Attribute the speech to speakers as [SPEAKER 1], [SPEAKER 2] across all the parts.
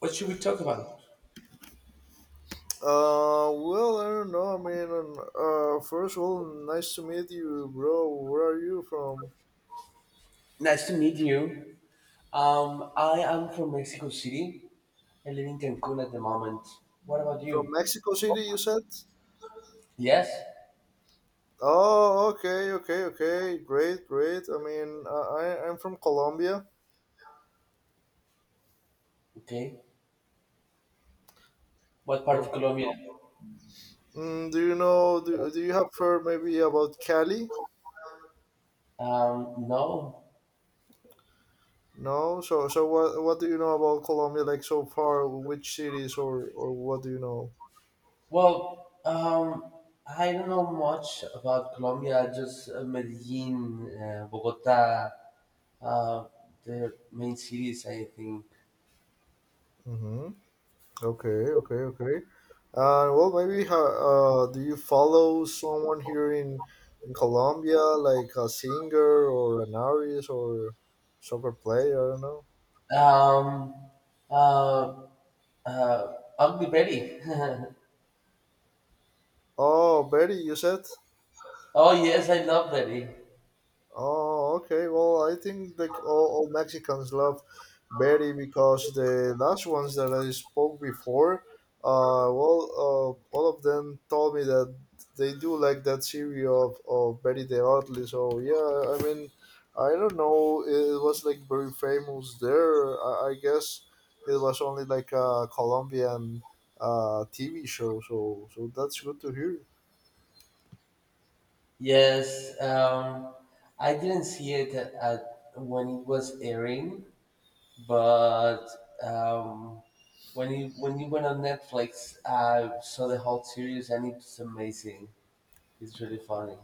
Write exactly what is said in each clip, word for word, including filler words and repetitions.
[SPEAKER 1] What should we talk about?
[SPEAKER 2] Uh, well, I don't know. I mean, uh, first of all, nice to meet you, bro. Where are you from?
[SPEAKER 1] Nice to meet you. Um, I am from Mexico City. I live in Cancun at the moment. What about
[SPEAKER 2] From
[SPEAKER 1] you?
[SPEAKER 2] Mexico City, you said?
[SPEAKER 1] Yes.
[SPEAKER 2] Oh, okay, okay, okay. Great, great. I mean, uh, I, I'm from Colombia.
[SPEAKER 1] Okay. What part of
[SPEAKER 2] Okay.
[SPEAKER 1] Colombia?
[SPEAKER 2] Mm, do you know? Do, do you have heard maybe about Cali?
[SPEAKER 1] Um, no.
[SPEAKER 2] No. So, so what? What do you know about Colombia? Like so far, which cities or or what do you know?
[SPEAKER 1] Well, um, I don't know much about Colombia. Just uh, Medellin, uh, Bogota, uh, the main cities, I think.
[SPEAKER 2] Mm-hmm. Okay, okay, okay. Uh, well, maybe ho- uh, do you follow someone here in in Colombia, like a singer or an artist or soccer player? I don't know.
[SPEAKER 1] Um, uh, uh, Ugly Betty.
[SPEAKER 2] Oh, Betty, you said.
[SPEAKER 1] Oh yes, I love Betty.
[SPEAKER 2] Oh, okay. Well, I think like all, all Mexicans love Betty because the last ones that I spoke before, uh, well, uh, all of them told me that they do like that series of, of Betty the ugly. So yeah, I mean, I don't know. It was like very famous there. I, I guess it was only like a Colombian uh, T V show. So so that's good to hear.
[SPEAKER 1] Yes, um, I didn't see it at, at when it was airing, but um, when it when it went on Netflix, I saw the whole series and it's amazing. It's really funny.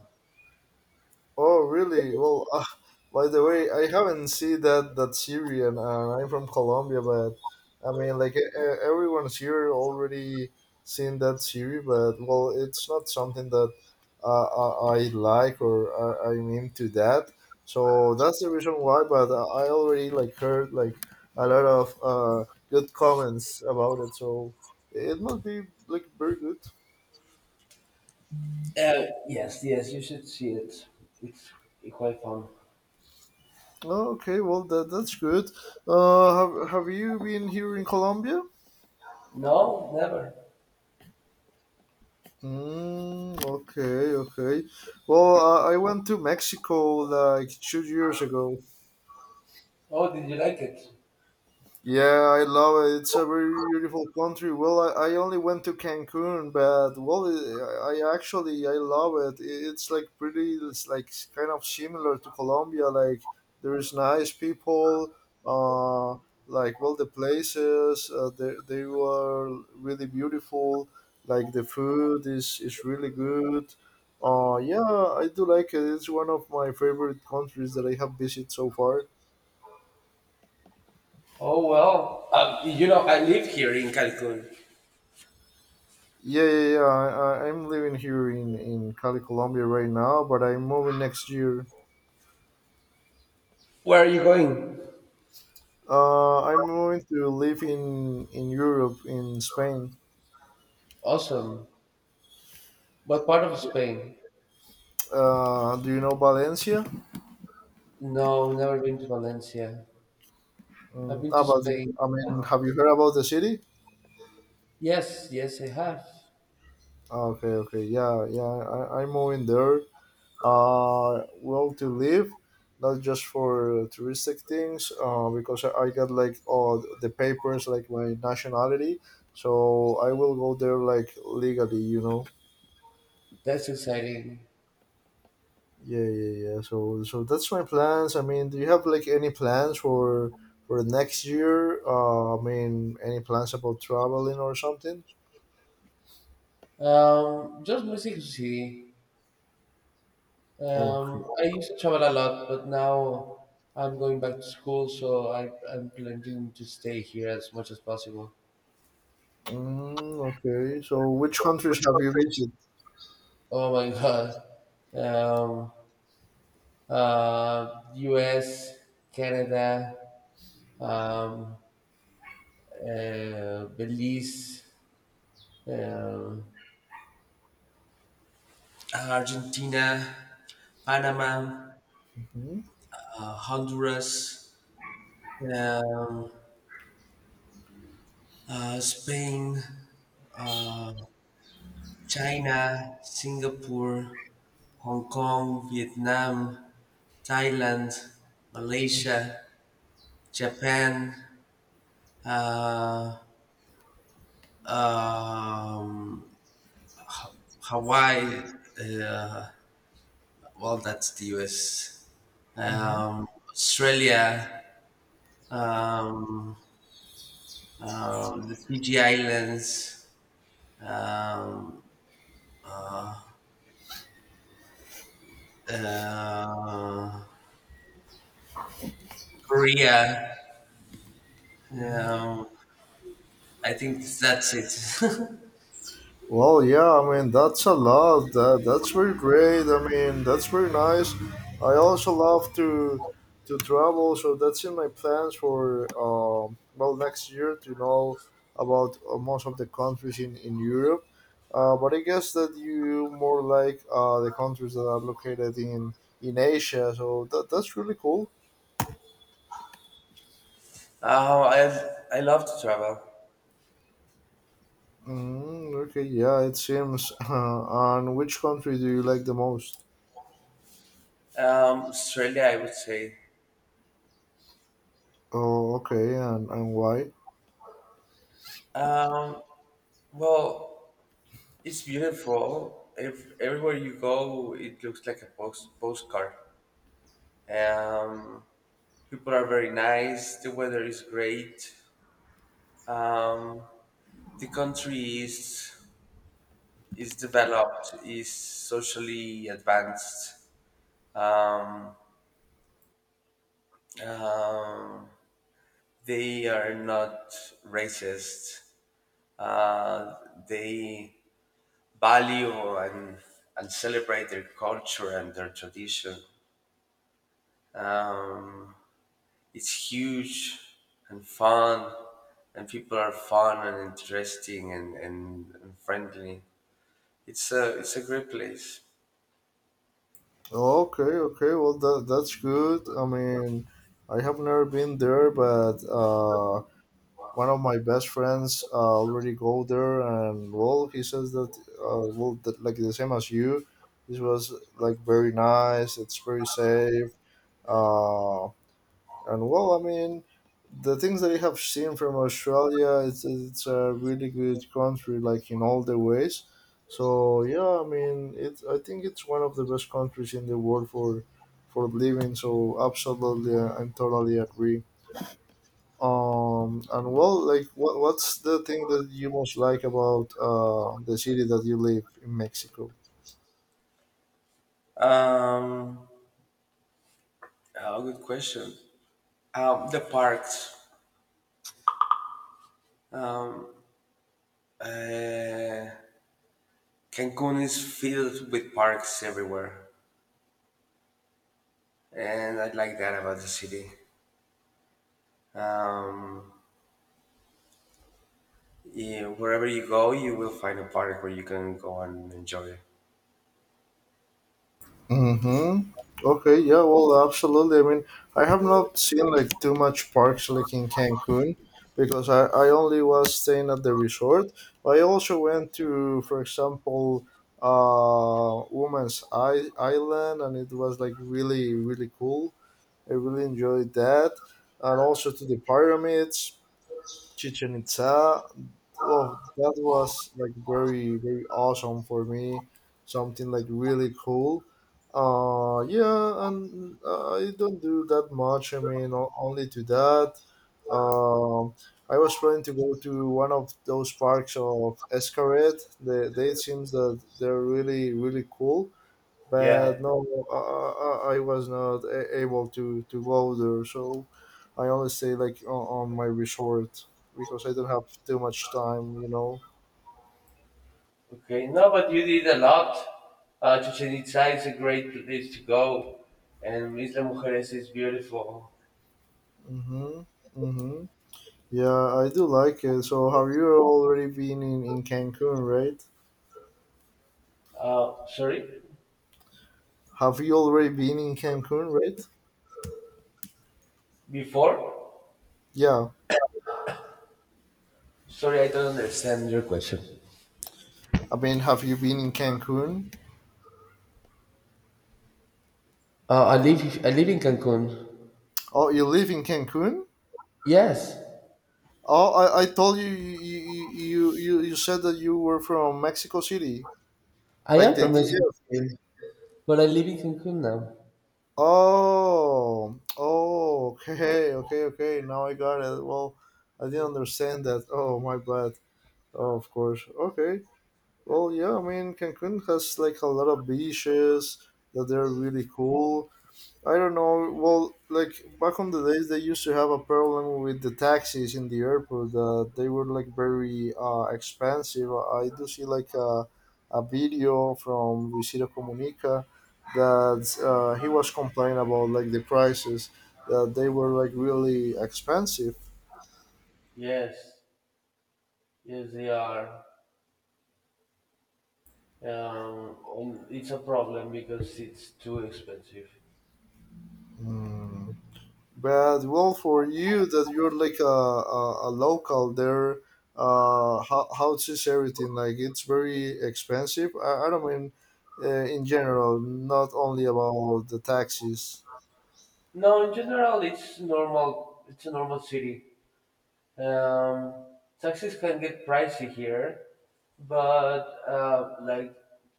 [SPEAKER 2] Oh, really? Well, uh, by the way, I haven't seen that that Syrian. Uh, I'm from Colombia, but I mean, like e- e- everyone's here already seen that series, but well, it's not something that uh, I, I like or I, I'm into that. So that's the reason why. But uh, I already like heard like a lot of uh, good comments about it. So it must be like very good.
[SPEAKER 1] Uh, yes, yes, you should see it. It's quite fun.
[SPEAKER 2] Okay, well that that's good. Uh, have have you been here in Colombia?
[SPEAKER 1] No, never.
[SPEAKER 2] Mm, okay, okay. Well, I I went to Mexico like two years ago.
[SPEAKER 1] Oh, did you like it?
[SPEAKER 2] Yeah, I love it. It's a very beautiful country. Well, I, I only went to Cancun, but well, I, I actually I love it. I- It's like pretty. It's like kind of similar to Colombia. Like there's nice people. Uh, like well, the places uh, they they were really beautiful. Like the food is is really good. Uh, yeah, I do like it. It's one of my favorite countries that I have visited so far.
[SPEAKER 1] Oh well, uh, you know I live here in Cancun.
[SPEAKER 2] Yeah, yeah, yeah. I, I- I'm living here in in Cali, Colombia right now, but I'm moving next year.
[SPEAKER 1] Where are you going?
[SPEAKER 2] Uh, I'm moving to live in in Europe, in Spain.
[SPEAKER 1] Awesome. What part of Spain?
[SPEAKER 2] Uh, do you know Valencia?
[SPEAKER 1] No, never been to Valencia. I've
[SPEAKER 2] Mm,
[SPEAKER 1] been
[SPEAKER 2] ah,
[SPEAKER 1] to
[SPEAKER 2] but
[SPEAKER 1] Spain.
[SPEAKER 2] I mean, have you heard about the city?
[SPEAKER 1] Yes, yes, I have.
[SPEAKER 2] Okay, okay, yeah, yeah. I, I'm moving there. Uh, well to live, not just for touristic things. Uh, because I, I got like all the papers, like my nationality, so I will go there like legally, you know.
[SPEAKER 1] That's exciting.
[SPEAKER 2] Yeah, yeah, yeah. So, so that's my plans. I mean, do you have like any plans for for next year? Uh, I mean, any plans about traveling or something?
[SPEAKER 1] Um, just Mexico City.
[SPEAKER 2] Okay.
[SPEAKER 1] Um, I used to travel a lot, but now I'm going back to school, so I, I'm planning to stay here as much as possible.
[SPEAKER 2] Mm, okay. So, which countries have you visited?
[SPEAKER 1] Oh my God. Um, uh, U S, Canada, um, uh, Belize, um, Argentina, Panama.
[SPEAKER 2] Mm-hmm.
[SPEAKER 1] uh, Honduras, um, uh, Spain, uh, China, Singapore, Hong Kong, Vietnam, Thailand, Malaysia, Japan, uh, um, Hawaii. Uh, well, that's the U S.
[SPEAKER 2] Mm-hmm.
[SPEAKER 1] Um, Australia, um, uh, the Fiji Islands, um, Uh, Korea.
[SPEAKER 2] Mm-hmm.
[SPEAKER 1] Um, I think that's it.
[SPEAKER 2] Well, yeah, I mean, that's a lot. That, that's very great. I mean, that's very nice. I also love to to travel, so that's in my plans for um, well next year to know about uh, most of the countries in in Europe. Uh, but I guess that you more like uh, the countries that are located in in Asia, so that that's really cool.
[SPEAKER 1] oh, I I love to travel.
[SPEAKER 2] Mm, okay, yeah, it seems. Uh, and which country do you like the most?
[SPEAKER 1] Um, Australia, I would say.
[SPEAKER 2] Oh, okay, and and why?
[SPEAKER 1] Um, well, it's beautiful. If everywhere you go, it looks like a post postcard. Um, People are very nice. The weather is great. Um, the country is is developed, is socially advanced. Um, Um, they are not racist. Uh, they value and, and celebrate their culture and their tradition. Um, it's huge and fun, and people are fun and interesting and, and, and friendly. It's a, it's a great place.
[SPEAKER 2] Okay, okay. Well, that that's good. I mean, I have never been there, but uh, one of my best friends uh, already go there, and well, he says that uh, well, that, like the same as you, this was like very nice. It's very safe. Uh. And well, I mean, the things that I have seen from Australia, it's, it's a really good country, like in all the ways. So yeah, I mean, it. I think it's one of the best countries in the world for for living. So absolutely, I- I'm totally agree. Um, and well, like, what what's the thing that you most like about uh, the city that you live in Mexico?
[SPEAKER 1] Um, oh, good question. Um, the parks. Um, uh, Cancun is filled with parks everywhere, and I like that about the city. Um, yeah, wherever you go, you will find a park where you can go and enjoy it.
[SPEAKER 2] Mm-hmm. Okay, yeah, well, absolutely. I mean, I have not seen like too much parks like in Cancun because I, I only was staying at the resort. I also went to, for example, uh, Woman's I- Island, and it was like really, really cool. I really enjoyed that. And also to the pyramids, Chichen Itza. Oh, that was like very very awesome for me, something like really cool. Uh yeah, and uh, i don't do that much. I mean o- only to that. um I was planning to go to one of those parks of escaret. They, they It seems that they're really really cool,
[SPEAKER 1] Yeah.
[SPEAKER 2] but no, I, I, I was not a- able to, to go there. So I only stay like on, on my resort because I don't have too much time, you know.
[SPEAKER 1] Okay. No, but you did a lot. Uh, Chichen Itza is a great place to go, and Isla Mujeres is beautiful.
[SPEAKER 2] Mhm. Mhm. Yeah, I do like it. So have you already been in, in Cancun, right?
[SPEAKER 1] Uh, sorry,
[SPEAKER 2] Have you already been in Cancun, right?
[SPEAKER 1] before?
[SPEAKER 2] Yeah.
[SPEAKER 1] Sorry, I don't understand your question.
[SPEAKER 2] I mean, have you been in Cancun?
[SPEAKER 1] Uh, I live I live in Cancun.
[SPEAKER 2] Oh, you live in Cancun?
[SPEAKER 1] Yes,
[SPEAKER 2] Oh, I, I told you you, you you you you said that you were from Mexico City,
[SPEAKER 1] I
[SPEAKER 2] like
[SPEAKER 1] am
[SPEAKER 2] the
[SPEAKER 1] from Mexico
[SPEAKER 2] D F.
[SPEAKER 1] City, but I live in Cancun now.
[SPEAKER 2] Oh, oh, okay, okay, okay. Now I got it. Well, I didn't understand that. Oh, my bad. Oh, of course. Okay. Well, yeah, I mean, Cancun has like a lot of beaches that they're really cool. I don't know. Well, like back on the days, they used to have a problem with the taxis in the airport. Uh, they were like very uh, expensive. I do see like a, a video from Visita Comunica that uh, he was complaining about like the prices that they were like really expensive.
[SPEAKER 1] Yes, yes, they are. Um, and it's a problem because it's too expensive.
[SPEAKER 2] Mm. But well, for you that you're like a, a, a local there, uh, how, how is everything? Like it's very expensive. I, I don't mean uh, in general, not only about the taxis.
[SPEAKER 1] No, in general, it's normal. It's a normal city. Um, Taxis can get pricey here, but uh, like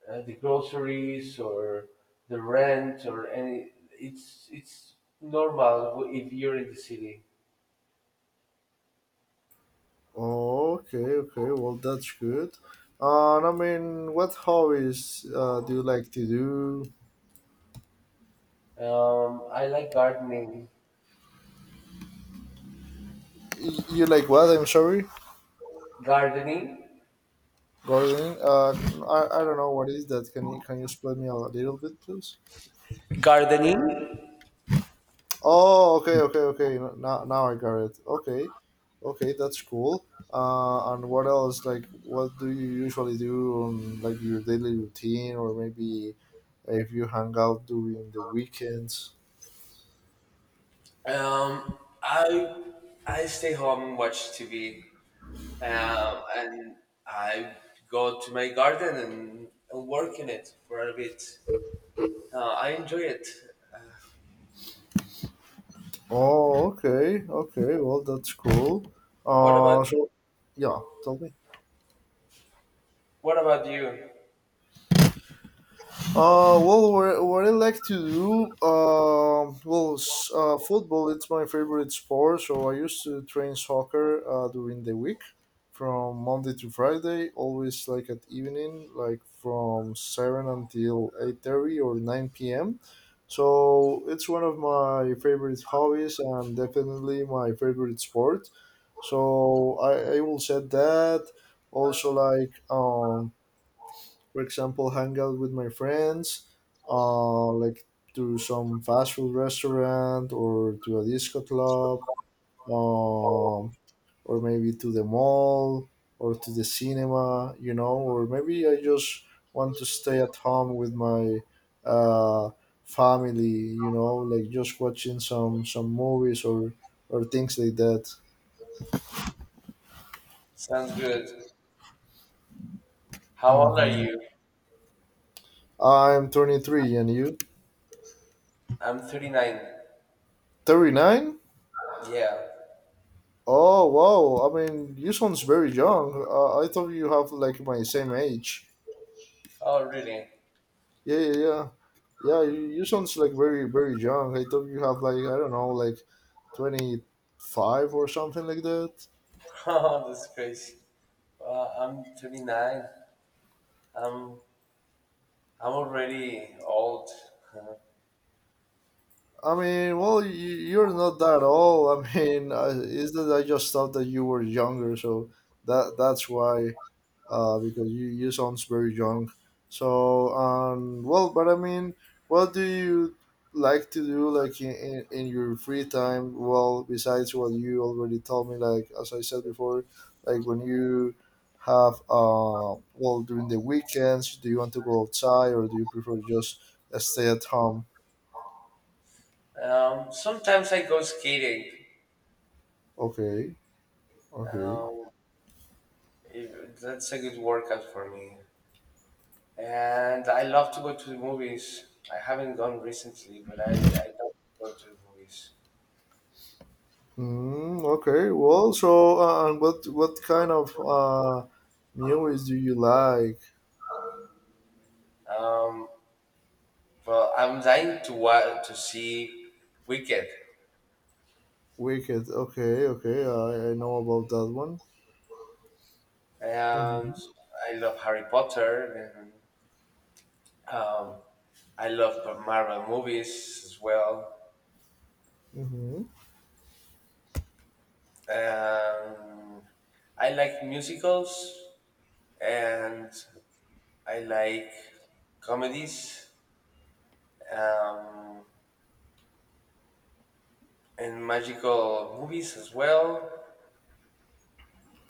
[SPEAKER 1] uh, the groceries or the rent or any, it's it's normal if you're in the city.
[SPEAKER 2] Okay, okay. Well, that's good. Uh, and I mean, what hobbies uh, do you like to do?
[SPEAKER 1] Um, I like gardening.
[SPEAKER 2] Y- You like what? I'm sorry,
[SPEAKER 1] Gardening.
[SPEAKER 2] gardening. Uh, I, I don't know what is that. Can you can you explain me a little bit, please?
[SPEAKER 1] Gardening?
[SPEAKER 2] Oh, okay, okay, okay. Now, now I got it. Okay, okay, that's cool. Uh, and what else? Like, what do you usually do on like your daily routine, or maybe if you hang out during the weekends?
[SPEAKER 1] Um, I I stay home and watch T V, um, and I go to my garden and, and work in it for a bit. Uh, I enjoy it.
[SPEAKER 2] Oh, okay, okay. Well, that's cool.
[SPEAKER 1] What about
[SPEAKER 2] Uh, so yeah, tell me.
[SPEAKER 1] what about you?
[SPEAKER 2] Uh, well, what, what I like to do, uh, well, s- uh, football, it's my favorite sport. So I used to train soccer uh, during the week from Monday to Friday, always like at evening, like from seven until eight thirty or nine p m. So it's one of my favorite hobbies and definitely my favorite sport. So I, I will say that also like, um, for example, hang out with my friends, uh, like to some fast food restaurant or to a disco club, um, or maybe to the mall or to the cinema, you know, or maybe I just want to stay at home with my uh, family, you know, like just watching some some movies or or things like that.
[SPEAKER 1] Sounds good. How old are
[SPEAKER 2] hmm
[SPEAKER 1] you?
[SPEAKER 2] I'm twenty-three, and you?
[SPEAKER 1] I'm thirty-nine.
[SPEAKER 2] thirty-nine?
[SPEAKER 1] Yeah.
[SPEAKER 2] Oh wow! I mean, you sounds very young. Uh, I thought you have like my same age.
[SPEAKER 1] Oh, really?
[SPEAKER 2] Yeah, yeah, yeah, yeah. You, you sounds like very, very young. I thought you have like I don't know, like twenty-five or something like that.
[SPEAKER 1] Oh, that's crazy. Uh, I'm thirty-nine. I'm I'm already old.
[SPEAKER 2] I mean, well, you, you're not that old. I mean, uh, is that I just thought that you were younger, so that that's why. Uh, because you, you sounds very young. So, um, well, but I mean, what do you like to do, like in, in, in your free time? Well, besides what you already told me, like as I said before, like when you have, uh, well, during the weekends, do you want to go outside or do you prefer just stay at home?
[SPEAKER 1] Um, sometimes I go skating.
[SPEAKER 2] Okay, okay.
[SPEAKER 1] Um, It- That's a good workout for me. And I love to go to the movies. I haven't gone recently, but I, I love to go to the movies.
[SPEAKER 2] Mm, okay. Well, so uh, and what what kind of uh, music do you like?
[SPEAKER 1] Um, well, I'm dying to wa- to see Wicked,
[SPEAKER 2] Wicked. Okay, okay. I, I know about that one. Mm-hmm.
[SPEAKER 1] and I love Harry Potter, and um, I love Marvel movies as well.
[SPEAKER 2] Mm-hmm.
[SPEAKER 1] Um, I like musicals, and I like comedies. um, and magical movies as well.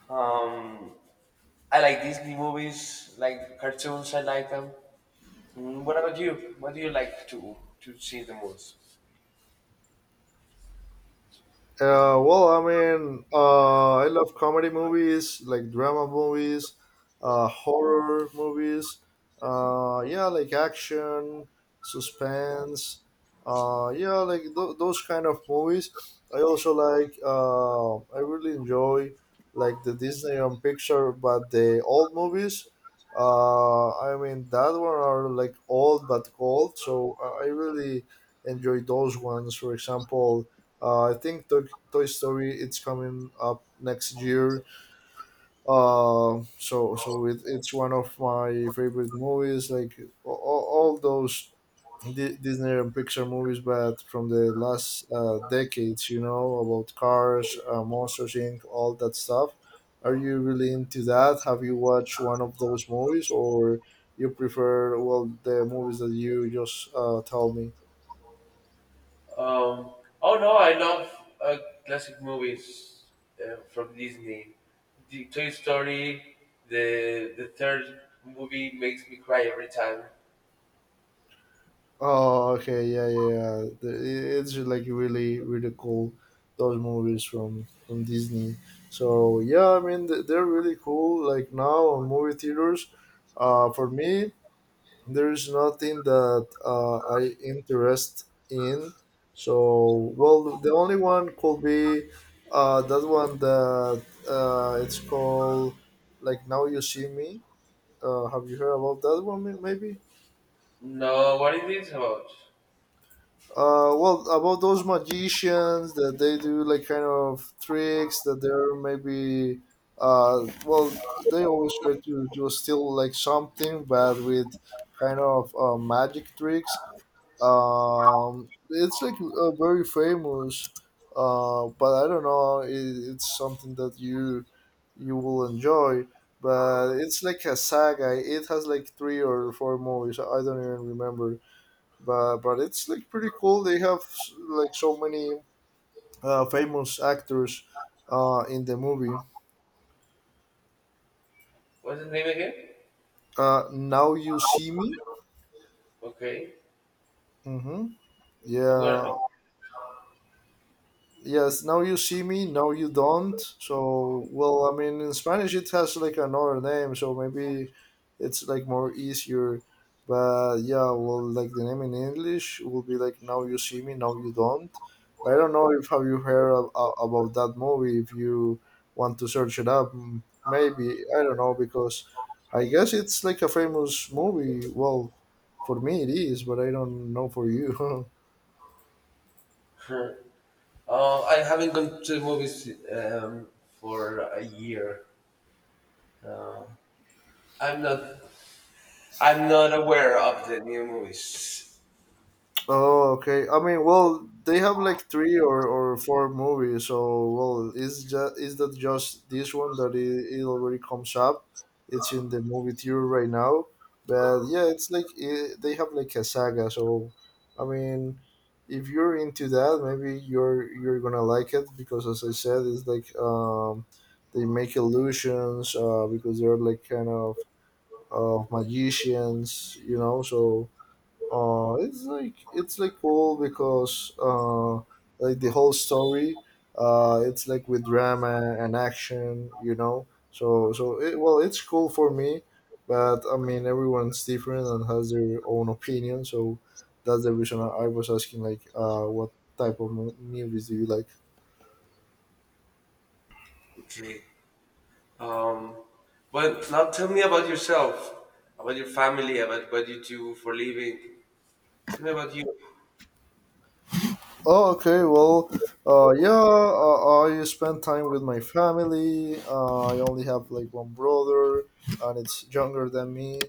[SPEAKER 1] Um, I like Disney movies, like cartoons. I like them. Mm, what about you? What do you like to to see the most?
[SPEAKER 2] Uh, well, I mean, uh, I love comedy movies, like drama movies, uh, horror movies. Uh, yeah, like action, suspense. Uh, yeah, like th- those kind of movies. I also like. Uh, I really enjoy like the Disney and Pixar, but the old movies. Uh, I mean, that one are like old but gold. So I I really enjoy those ones. For example. Uh, I think Toy Toy Story. It's coming up next year. Uh, so so it, it's one of my favorite movies. Like all, all those Di- Disney and Pixar movies, but from the last uh, decades, you know about Cars, uh, Monsters Inc, all that stuff. Are you really into that? Have you watched one of those movies, or you prefer well the movies that you just uh, tell me?
[SPEAKER 1] Um, oh no, I love uh, classic movies uh, from Disney. The Toy Story, the the third movie makes me cry every time.
[SPEAKER 2] Oh, okay, yeah, yeah. Yeah. The- It's like really, really cool. Those movies from from Disney. So yeah, I mean th- they're really cool. Like now on movie theaters, uh, for me there is nothing that uh, I interest in. So well, the only one could be uh, that one that uh, it's called like Now You See Me. Uh, have you heard about that one? may- Maybe.
[SPEAKER 1] No, what is this about?
[SPEAKER 2] Uh, well, about those magicians that they do like kind of tricks that they're maybe, uh, well, they always try to, to steal like something, but with kind of uh, magic tricks. Um, it's like uh, very famous, uh, but I don't know. It, it's something that you you will enjoy, but it's like a saga. It has like three or four movies. I don't even remember, but but it's like pretty cool. They have like so many uh, famous actors uh, in the movie.
[SPEAKER 1] What's the name again?
[SPEAKER 2] Uh, Now You See Me.
[SPEAKER 1] Okay,
[SPEAKER 2] Hmm.
[SPEAKER 1] I'm gonna
[SPEAKER 2] Yeah, yes, Now You See Me, Now You Don't. So well, I mean in Spanish it has like another name, so maybe it's like more easier. But yeah, well, like the name in English will be like Now You See Me, Now You Don't. But I don't know if have you heard a- a- about that movie, if you want to search it up, m- maybe. I don't know because I guess it's like a famous movie. Well, for me it is, but I don't know for you.
[SPEAKER 1] know. Uh, I haven't gone to movies um, for a year. Uh, I'm not. I'm not aware of the new movies.
[SPEAKER 2] Oh, okay. I mean, well, they have like three or, or four movies. So, well, is just is that just this one that it, it already comes up? It's in the movie theater right now. But yeah, it's like it, they have like a saga. So, I mean, if you're into that, maybe you're you're gonna like it because, as I said, it's like um, they make illusions uh, because they're like kind of uh magicians, you know. So uh, it's like it's like cool because uh, like the whole story, uh, it's like with drama and action, you know. So so it, well, it's cool for me, but I mean everyone's different and has their own opinion. So that's the reason I I was asking like, uh, what type of mo- movies do you like?
[SPEAKER 1] Okay. Um, but now tell me about yourself, about your family, about what you do for living. Tell me about you.
[SPEAKER 2] Oh, okay. Well, uh, yeah, uh, I spend time with my family. Uh, I only have like one brother, and it's younger than me.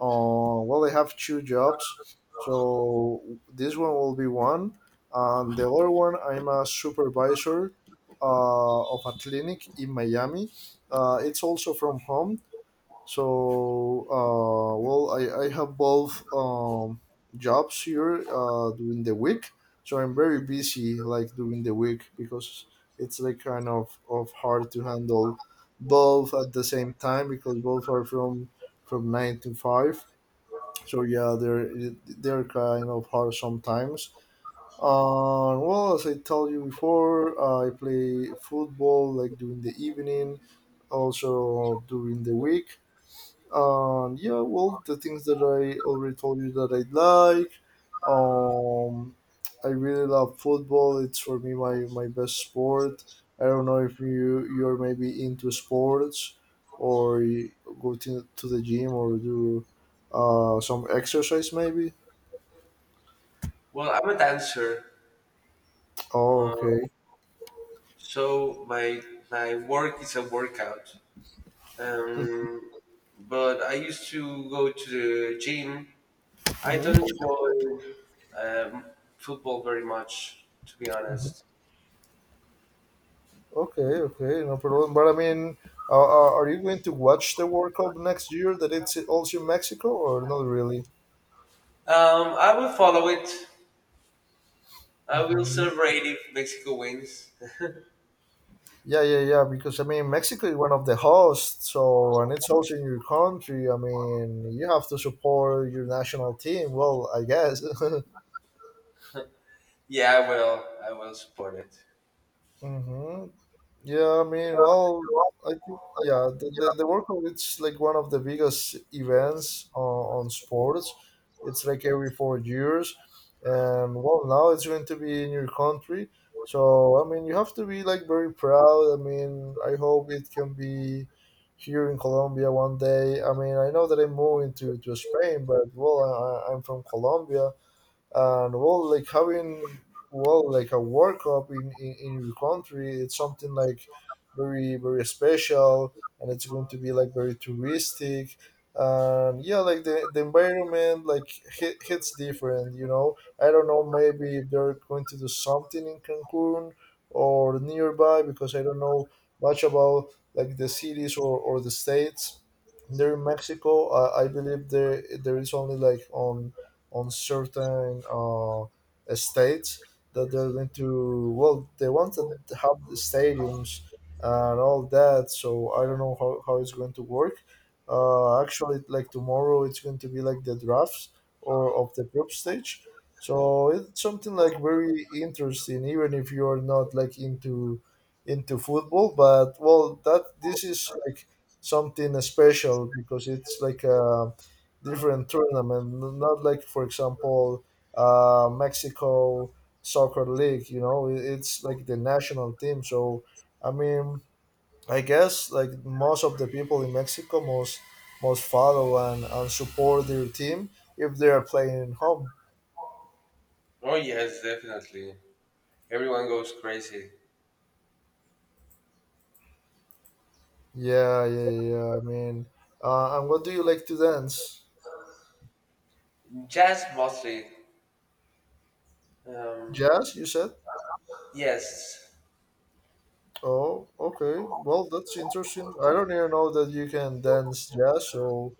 [SPEAKER 2] Uh, well, I have two jobs, so this one will be one, and the other one I'm a supervisor uh, of a clinic in Miami. Uh, it's also from home, so, uh, well, I, I have both um, jobs here uh, during the week. So I'm very busy like during the week because it's like kind of, of hard to handle both at the same time because both are from from nine to five. So yeah, they're they're kind of hard sometimes. Uh, well, as I told you before, I play football like during the evening, also during the week um, yeah, well, the things that I already told you that I like. Um, I really love football. It's for me my, my best sport. I don't know if you you're maybe into sports or you go to, to the gym or do uh, some exercise maybe.
[SPEAKER 1] Well, I'm a dancer,
[SPEAKER 2] Oh,
[SPEAKER 1] uh,
[SPEAKER 2] okay.
[SPEAKER 1] so my my work is a workout. Um, but I used to go to the gym. I
[SPEAKER 2] Hmm.
[SPEAKER 1] don't enjoy um, football very much, to be
[SPEAKER 2] Hmm.
[SPEAKER 1] honest.
[SPEAKER 2] Okay, okay, no problem. But I mean, uh, uh, are you going to watch the World Cup next year that it's also in Mexico or not really?
[SPEAKER 1] Um, I will follow it. I will
[SPEAKER 2] Mhm.
[SPEAKER 1] celebrate if Mexico wins.
[SPEAKER 2] Yeah, yeah, yeah. Because I mean, Mexico is one of the hosts, so and it's also in your country. I mean, you have to support your national team. Well, I guess.
[SPEAKER 1] Yeah, I will. I will support it.
[SPEAKER 2] Hmm. Yeah, I mean, well, I think yeah, the, the, the World Cup it's like one of the biggest events on, on sports. It's like every four years, and well, now it's going to be in your country. So I mean, you have to be like very proud. I mean, I hope it can be here in Colombia one day. I mean, I know that I'm moving to, to Spain, but well, I, I- I'm from Colombia, and well, like having well, like a world cup in, in in your country, it's something like very very special, and it's going to be like very touristic. And yeah, like the, the environment, like hit, hits different you know I don't know, maybe if they're going to do something in Cancun or nearby, because I don't know much about like the cities or, or the states there in Mexico. uh, I believe there there is only like on on certain uh, states that they're going to, well, they wanted to have the stadiums and all that. So I don't know how, how it's going to work. Uh, actually, like tomorrow it's going to be like the drafts or of the group stage, so it's something like very interesting even if you're not like into into football, but well, that this is like something special because it's like a different tournament, not like, for example, uh, Mexico soccer league. You know, It- it's like the national team. So I mean, I guess like most of the people in Mexico most most follow and, and support their team if they are playing at home.
[SPEAKER 1] Oh yes, definitely. Everyone goes crazy.
[SPEAKER 2] Yeah, yeah, yeah. I mean, uh, and what do you like to dance?
[SPEAKER 1] Jazz mostly. Um,
[SPEAKER 2] Jazz, you said.
[SPEAKER 1] yes.
[SPEAKER 2] Oh, okay. Well, that's interesting. I don't even know that you can dance jazz, so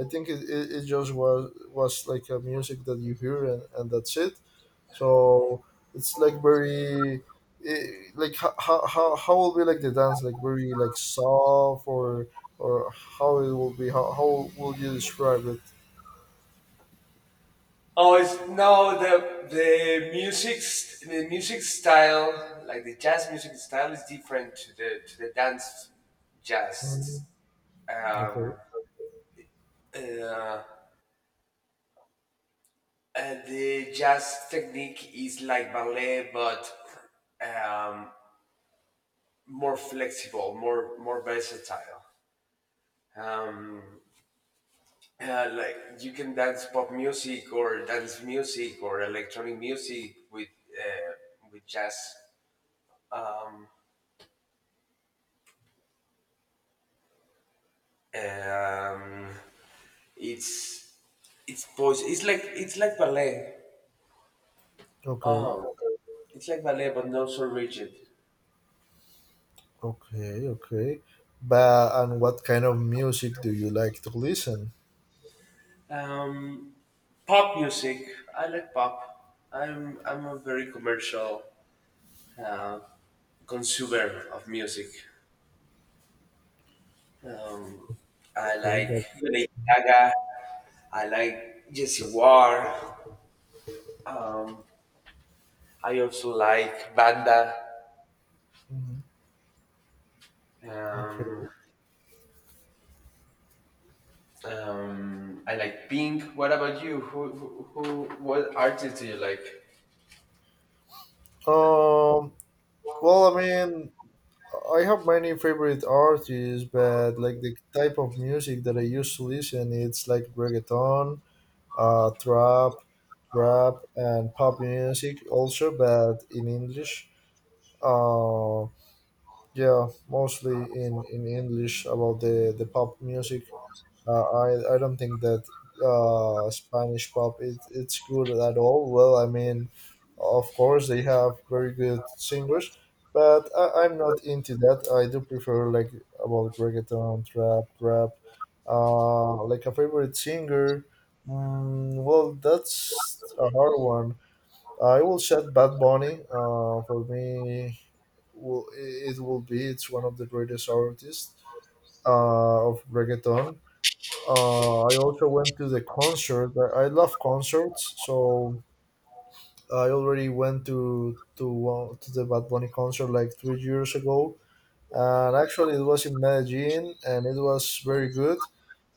[SPEAKER 2] I think it, it, it just was was like a music that you hear, and, and that's it. So it's like very eh, like how, how how how will be like the dance, like very like soft or or how it will be, how, how will you describe it?
[SPEAKER 1] Oh, it's no the the music st- the music style, like the jazz music style, is different to the to the dance jazz.
[SPEAKER 2] Mm,
[SPEAKER 1] Um,
[SPEAKER 2] okay,
[SPEAKER 1] Uh, and the jazz technique is like ballet, but um, more flexible, more more versatile. Um, uh, like you can dance pop music or dance music or electronic music with uh, with jazz. Um, it's it's pos- It's like it's like ballet.
[SPEAKER 2] okay,
[SPEAKER 1] Oh, it's like ballet, but not so rigid.
[SPEAKER 2] okay, okay. But and what kind of music do you like to listen?
[SPEAKER 1] Um, Pop music. I like pop. I'm I'm a very commercial uh, consumer of music. Um, I
[SPEAKER 2] Okay,
[SPEAKER 1] like
[SPEAKER 2] but.
[SPEAKER 1] Lady Gaga. I like Jesse Ware. Um, I also like Banda.
[SPEAKER 2] Mhm. Okay.
[SPEAKER 1] Um, um, I like Pink. What about you? Who, who, who What artists do you like?
[SPEAKER 2] Um. Well, I mean, I have many favorite artists, but like the type of music that I used to listen, it's like reggaeton, uh, trap, rap, and pop music also, but in English. Uh, yeah, mostly in in English about the the pop music. Uh, I I don't think that uh, Spanish pop it, it's good at all. Well, I mean, of course they have very good singers, but I, I'm not into that. I do prefer like about reggaeton, trap, rap. Uh, like a favorite singer. Mm, well, that's a hard one. I will shout Bad Bunny. Uh, for me, will it it will be it's one of the greatest artists uh, of reggaeton. uh, I also went to the concert. I I love concerts, so I already went to to one to the Bad Bunny concert like three years ago, and actually it was in Medellin, and it was very good.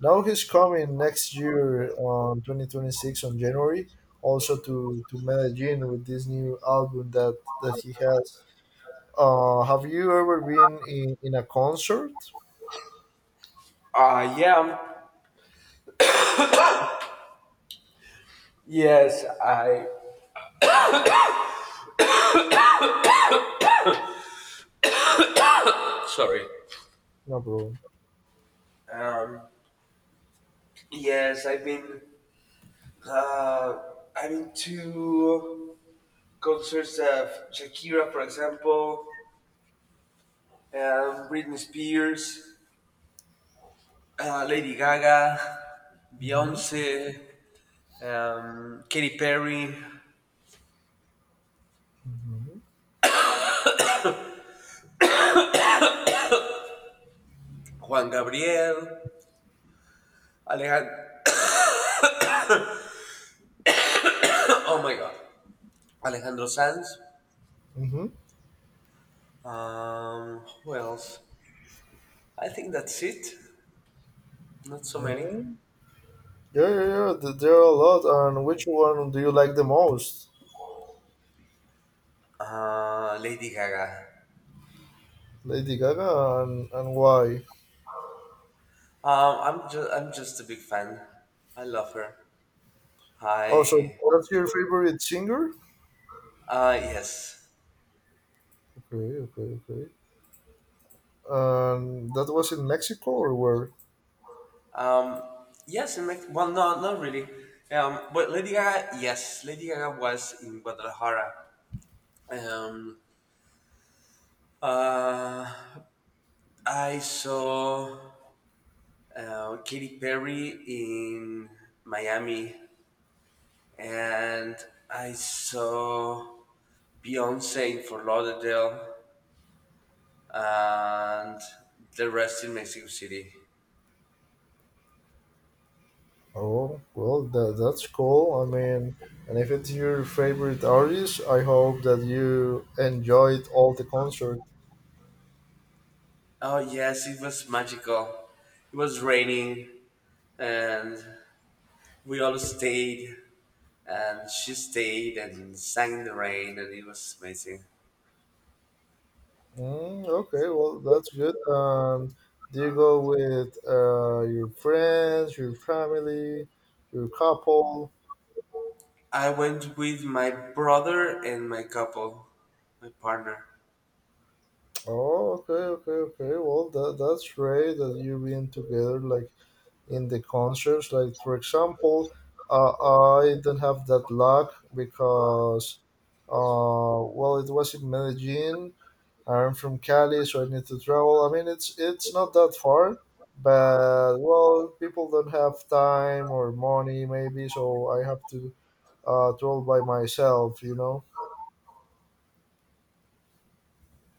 [SPEAKER 2] Now he's coming next year on twenty twenty six on January, also to to Medellin with this new album that that he has. Uh, have you ever been in, in a concert?
[SPEAKER 1] Uh, yeah. Yes, I. Sorry.
[SPEAKER 2] No, bro.
[SPEAKER 1] Um, yes, I've been Uh, I've been to concerts of Shakira, for example, um, Britney Spears, uh, Lady Gaga,
[SPEAKER 2] Mm-hmm.
[SPEAKER 1] Beyonce, um, Katy Perry,
[SPEAKER 2] Mm-hmm.
[SPEAKER 1] Juan Gabriel, Alejandro. Oh my God, Alejandro Sanz.
[SPEAKER 2] Mm-hmm.
[SPEAKER 1] Um, who else? I think that's it. Not so many.
[SPEAKER 2] Mm-hmm. Yeah, yeah, yeah. th- There are a lot. And which one do you like the most?
[SPEAKER 1] Uh, Lady Gaga.
[SPEAKER 2] Lady Gaga, and, and why?
[SPEAKER 1] Um, I'm just I'm just a big fan. I love her.
[SPEAKER 2] Oh, so
[SPEAKER 1] I.
[SPEAKER 2] that's your favorite singer?
[SPEAKER 1] Uh, yes.
[SPEAKER 2] Okay, okay, okay. And that was in Mexico or where?
[SPEAKER 1] Um, yes, in Mexico. Well, no, not really. Um, but Lady Gaga, yes, Lady Gaga was in Guadalajara. Um, uh, I saw uh, Katy Perry in Miami, and I saw Beyonce in Fort Lauderdale, and the rest in Mexico City.
[SPEAKER 2] Oh, well, that, that's cool. I mean, and if it's your favorite artist, I hope that you enjoyed all the concert.
[SPEAKER 1] Oh yes, it was magical. It was raining, and we all stayed and she stayed and sang in the rain and it was amazing.
[SPEAKER 2] Mm, okay, well, that's good. Um, do you go with uh, your friends, your family, your couple?
[SPEAKER 1] I went with my brother and my couple, my partner.
[SPEAKER 2] Oh, okay, okay, okay. Well, that that's great that you've been together like in the concerts. Like for example, uh, I do not have that luck because, uh, well, it was in Medellin. I'm from Cali, so I need to travel. I mean, it's it's not that far, but well, people don't have time or money maybe, so I have to uh travel by myself. You know.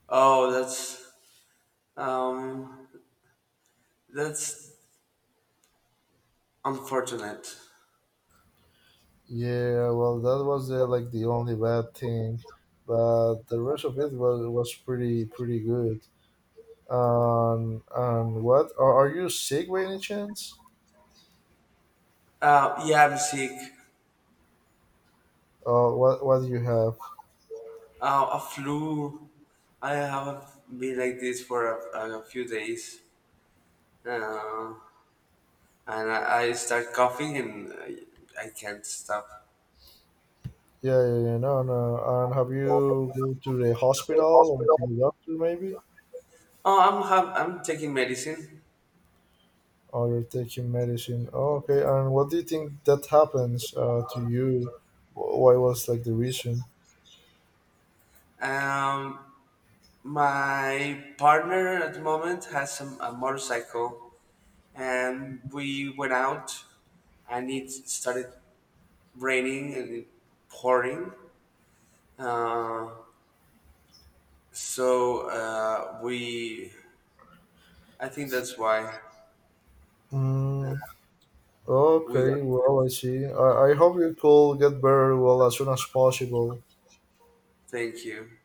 [SPEAKER 1] oh that's um that's unfortunate.
[SPEAKER 2] Yeah, well, that was uh, like the only bad thing, but the rest of it was was pretty pretty good. Um, and what are, are you sick by any chance?
[SPEAKER 1] Uh yeah, I'm sick.
[SPEAKER 2] Uh, what what do you have?
[SPEAKER 1] Uh, a flu. I have been like this for a, a few days uh, and I, I start coughing and I, I can't stop.
[SPEAKER 2] Yeah, yeah, yeah, no, no. And have you go to the hospital and to the doctor maybe?
[SPEAKER 1] Oh, I'm have, I'm taking medicine.
[SPEAKER 2] Or you're taking medicine? Oh, okay. And what do you think that happens uh, to you? Wh- Why was like the reason?
[SPEAKER 1] Um, My partner at the moment has some, a motorcycle, and we went out, and it started raining and it pouring. Uh, so uh, we, I think that's why
[SPEAKER 2] Mm,
[SPEAKER 1] we
[SPEAKER 2] okay,
[SPEAKER 1] got.
[SPEAKER 2] well, I see. I, I hope you could get better well as soon as possible.
[SPEAKER 1] Thank you,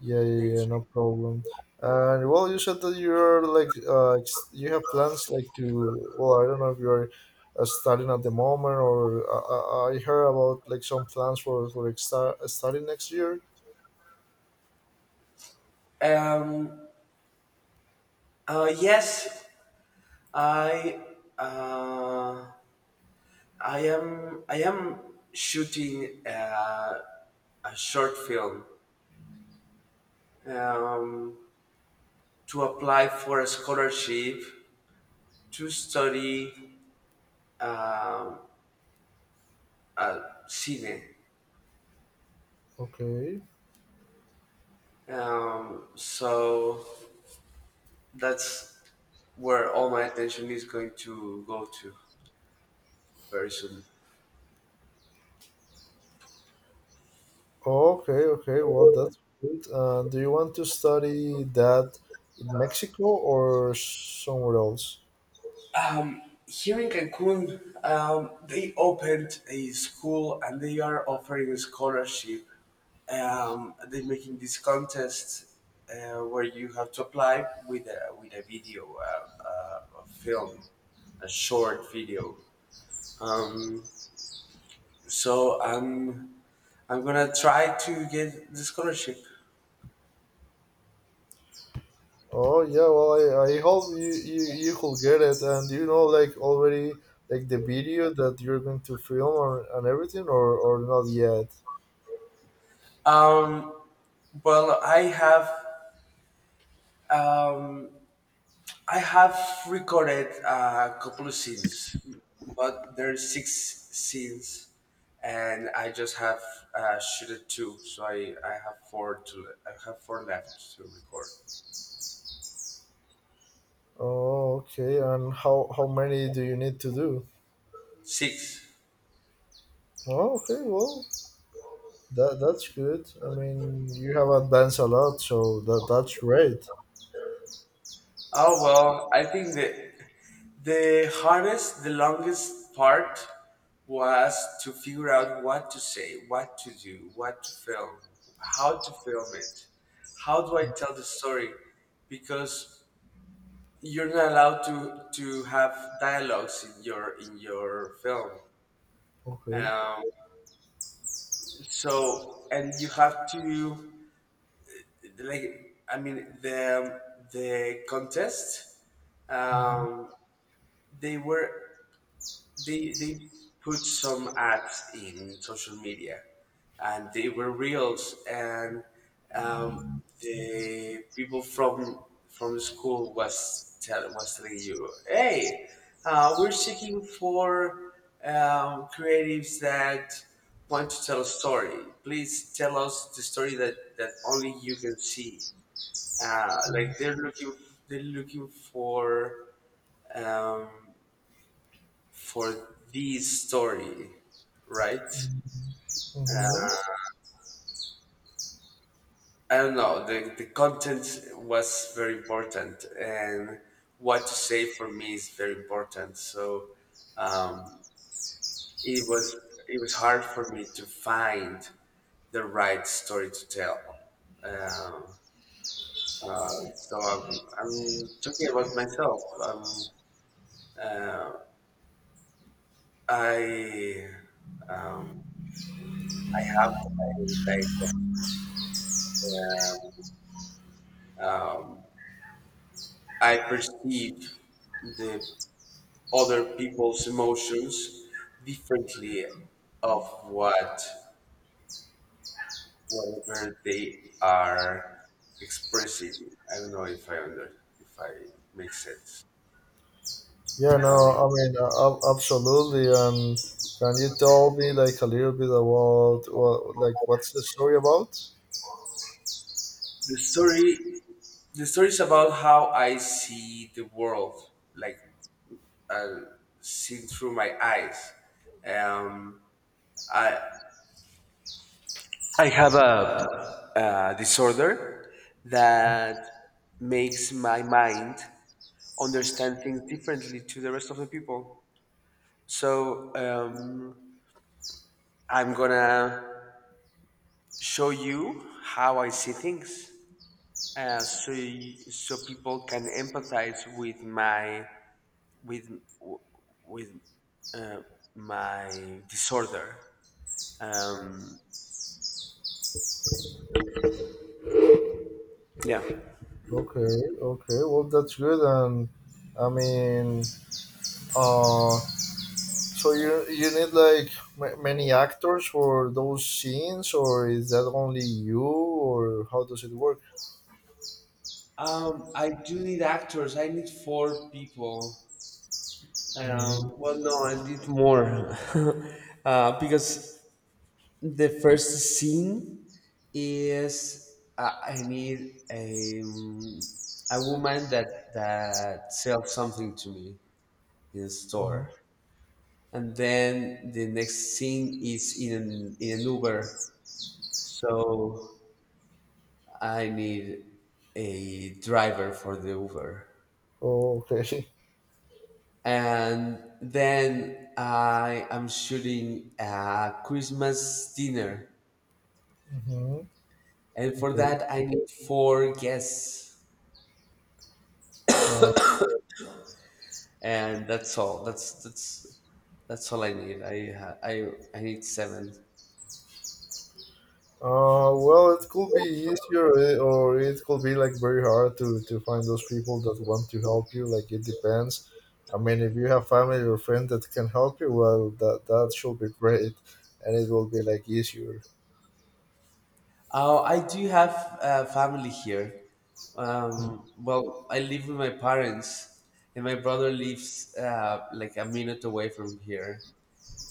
[SPEAKER 2] Yeah, yeah,
[SPEAKER 1] thank
[SPEAKER 2] yeah, no problem. And well, you said that you're like, uh, ex- you have plans like to, well, I don't know if you're uh, studying at the moment or I, I I heard about like some plans for, for ex- studying next year.
[SPEAKER 1] you. Um, uh, yes, I, uh, I am, I am shooting uh, a short film. Um, to apply for a scholarship to study um, at cine.
[SPEAKER 2] Okay.
[SPEAKER 1] Um, so that's where all my attention is going to go to very soon.
[SPEAKER 2] Okay, okay. Well, that's good. Uh, do you want to study that in Mexico or somewhere else?
[SPEAKER 1] Here in Cancun, um, they opened a school and they are offering a scholarship. Um, they're making this contest uh, where you have to apply with a, with a video, uh, uh, a film, a short video. Um, so I'm I'm gonna try to get the scholarship.
[SPEAKER 2] Oh yeah, well, I, I hope you, you you could get it. And do you know like already like the video that you're going to film, or, and everything, or, or not yet?
[SPEAKER 1] Um, well, I have um, I have recorded a couple of scenes, but there's six scenes, and I just have uh, shooted two, so I, I have four to I have four left to record.
[SPEAKER 2] Oh, okay. And how, how many do you need to do?
[SPEAKER 1] Six.
[SPEAKER 2] Oh, okay, well, that that's good. I mean you have advanced a lot, so that that's great.
[SPEAKER 1] Oh well, I think the the hardest, the longest part was to figure out what to say, what to do, what to film, how to film it, how do I tell the story, because you're not allowed to to have dialogues in your in your film.
[SPEAKER 2] Okay.
[SPEAKER 1] Um, so and you have to, like, I mean the the contest,
[SPEAKER 2] Hmm.
[SPEAKER 1] um, they were they they put some ads in social media and they were reels and um, the people from from school was tell, was telling you, hey, uh, we're seeking for um, creatives that want to tell a story, please tell us the story that that only you can see. uh, like they're looking they're looking for um, for this story, right?
[SPEAKER 2] Hmm.
[SPEAKER 1] I don't know. The, the content was very important, and what to say for me is very important. So um, it was it was hard for me to find the right story to tell. Um, uh, so I'm, I'm talking about myself. Um, uh, I um, I have a type of, um, I perceive the other people's emotions differently of what whatever they are expressing. I don't know if I under if I make sense.
[SPEAKER 2] Yeah, no,
[SPEAKER 1] Um,
[SPEAKER 2] I mean, uh, ab- absolutely. And can you tell me like a little bit about what, like, what's the story about?
[SPEAKER 1] the story the story is about how I see the world, like uh, seen through my eyes. Um, I I have a, a disorder that makes my mind understand things differently to the rest of the people. So um, I'm gonna show you how I see things, uh, so y- so people can empathize with my with w- with uh, my disorder. Um, yeah.
[SPEAKER 2] Okay, okay. Well, that's good. And I mean, uh, so you you need like m- many actors for those scenes, or is that only you, or how does it work?
[SPEAKER 1] Um, I do need actors. I need four people. Um,
[SPEAKER 2] Mm-hmm.
[SPEAKER 1] well, no, I did more uh, because the first scene is, uh, I need a um, a woman that that sells something to me in a
[SPEAKER 2] Mm-hmm.
[SPEAKER 1] store, and then the next scene is in an, in an Uber, so I need a driver for the Uber.
[SPEAKER 2] Oh, okay.
[SPEAKER 1] And then I am shooting a Christmas dinner,
[SPEAKER 2] Mm-hmm.
[SPEAKER 1] and for
[SPEAKER 2] Okay.
[SPEAKER 1] that I need four guests,
[SPEAKER 2] Wow.
[SPEAKER 1] and that's all. That's that's that's all I need. I ha- I I need seven.
[SPEAKER 2] Uh, well, it could be easier, eh, or it could be like very hard to to find those people that want to help you. Like it depends. I mean, if you have family or friend that can help you, well, that that should be great, and it will be like easier.
[SPEAKER 1] Oh, I do have a family here.
[SPEAKER 2] Mm,
[SPEAKER 1] Um, well, I live with my parents, and my brother lives uh, like a minute away from here,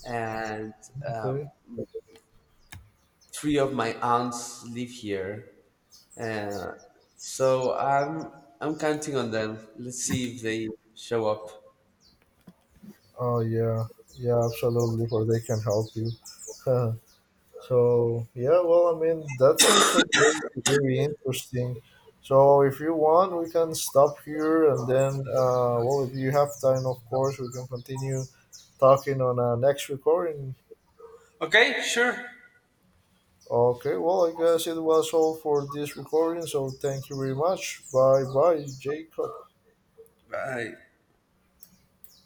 [SPEAKER 1] and uh,
[SPEAKER 2] okay.
[SPEAKER 1] three of my aunts live here. Uh, so I'm I'm counting on them. Let's see if they show up.
[SPEAKER 2] Oh yeah, yeah, absolutely. Or they can help you. So yeah, well, I mean that sounds like very, very interesting. So if you want, we can stop here, and then uh, well, if you have time, of course, we can continue talking on our next recording.
[SPEAKER 1] Okay, sure.
[SPEAKER 2] Okay, well, I guess it was all for this recording. So thank you very much. Bye, bye, Jacob.
[SPEAKER 1] Bye.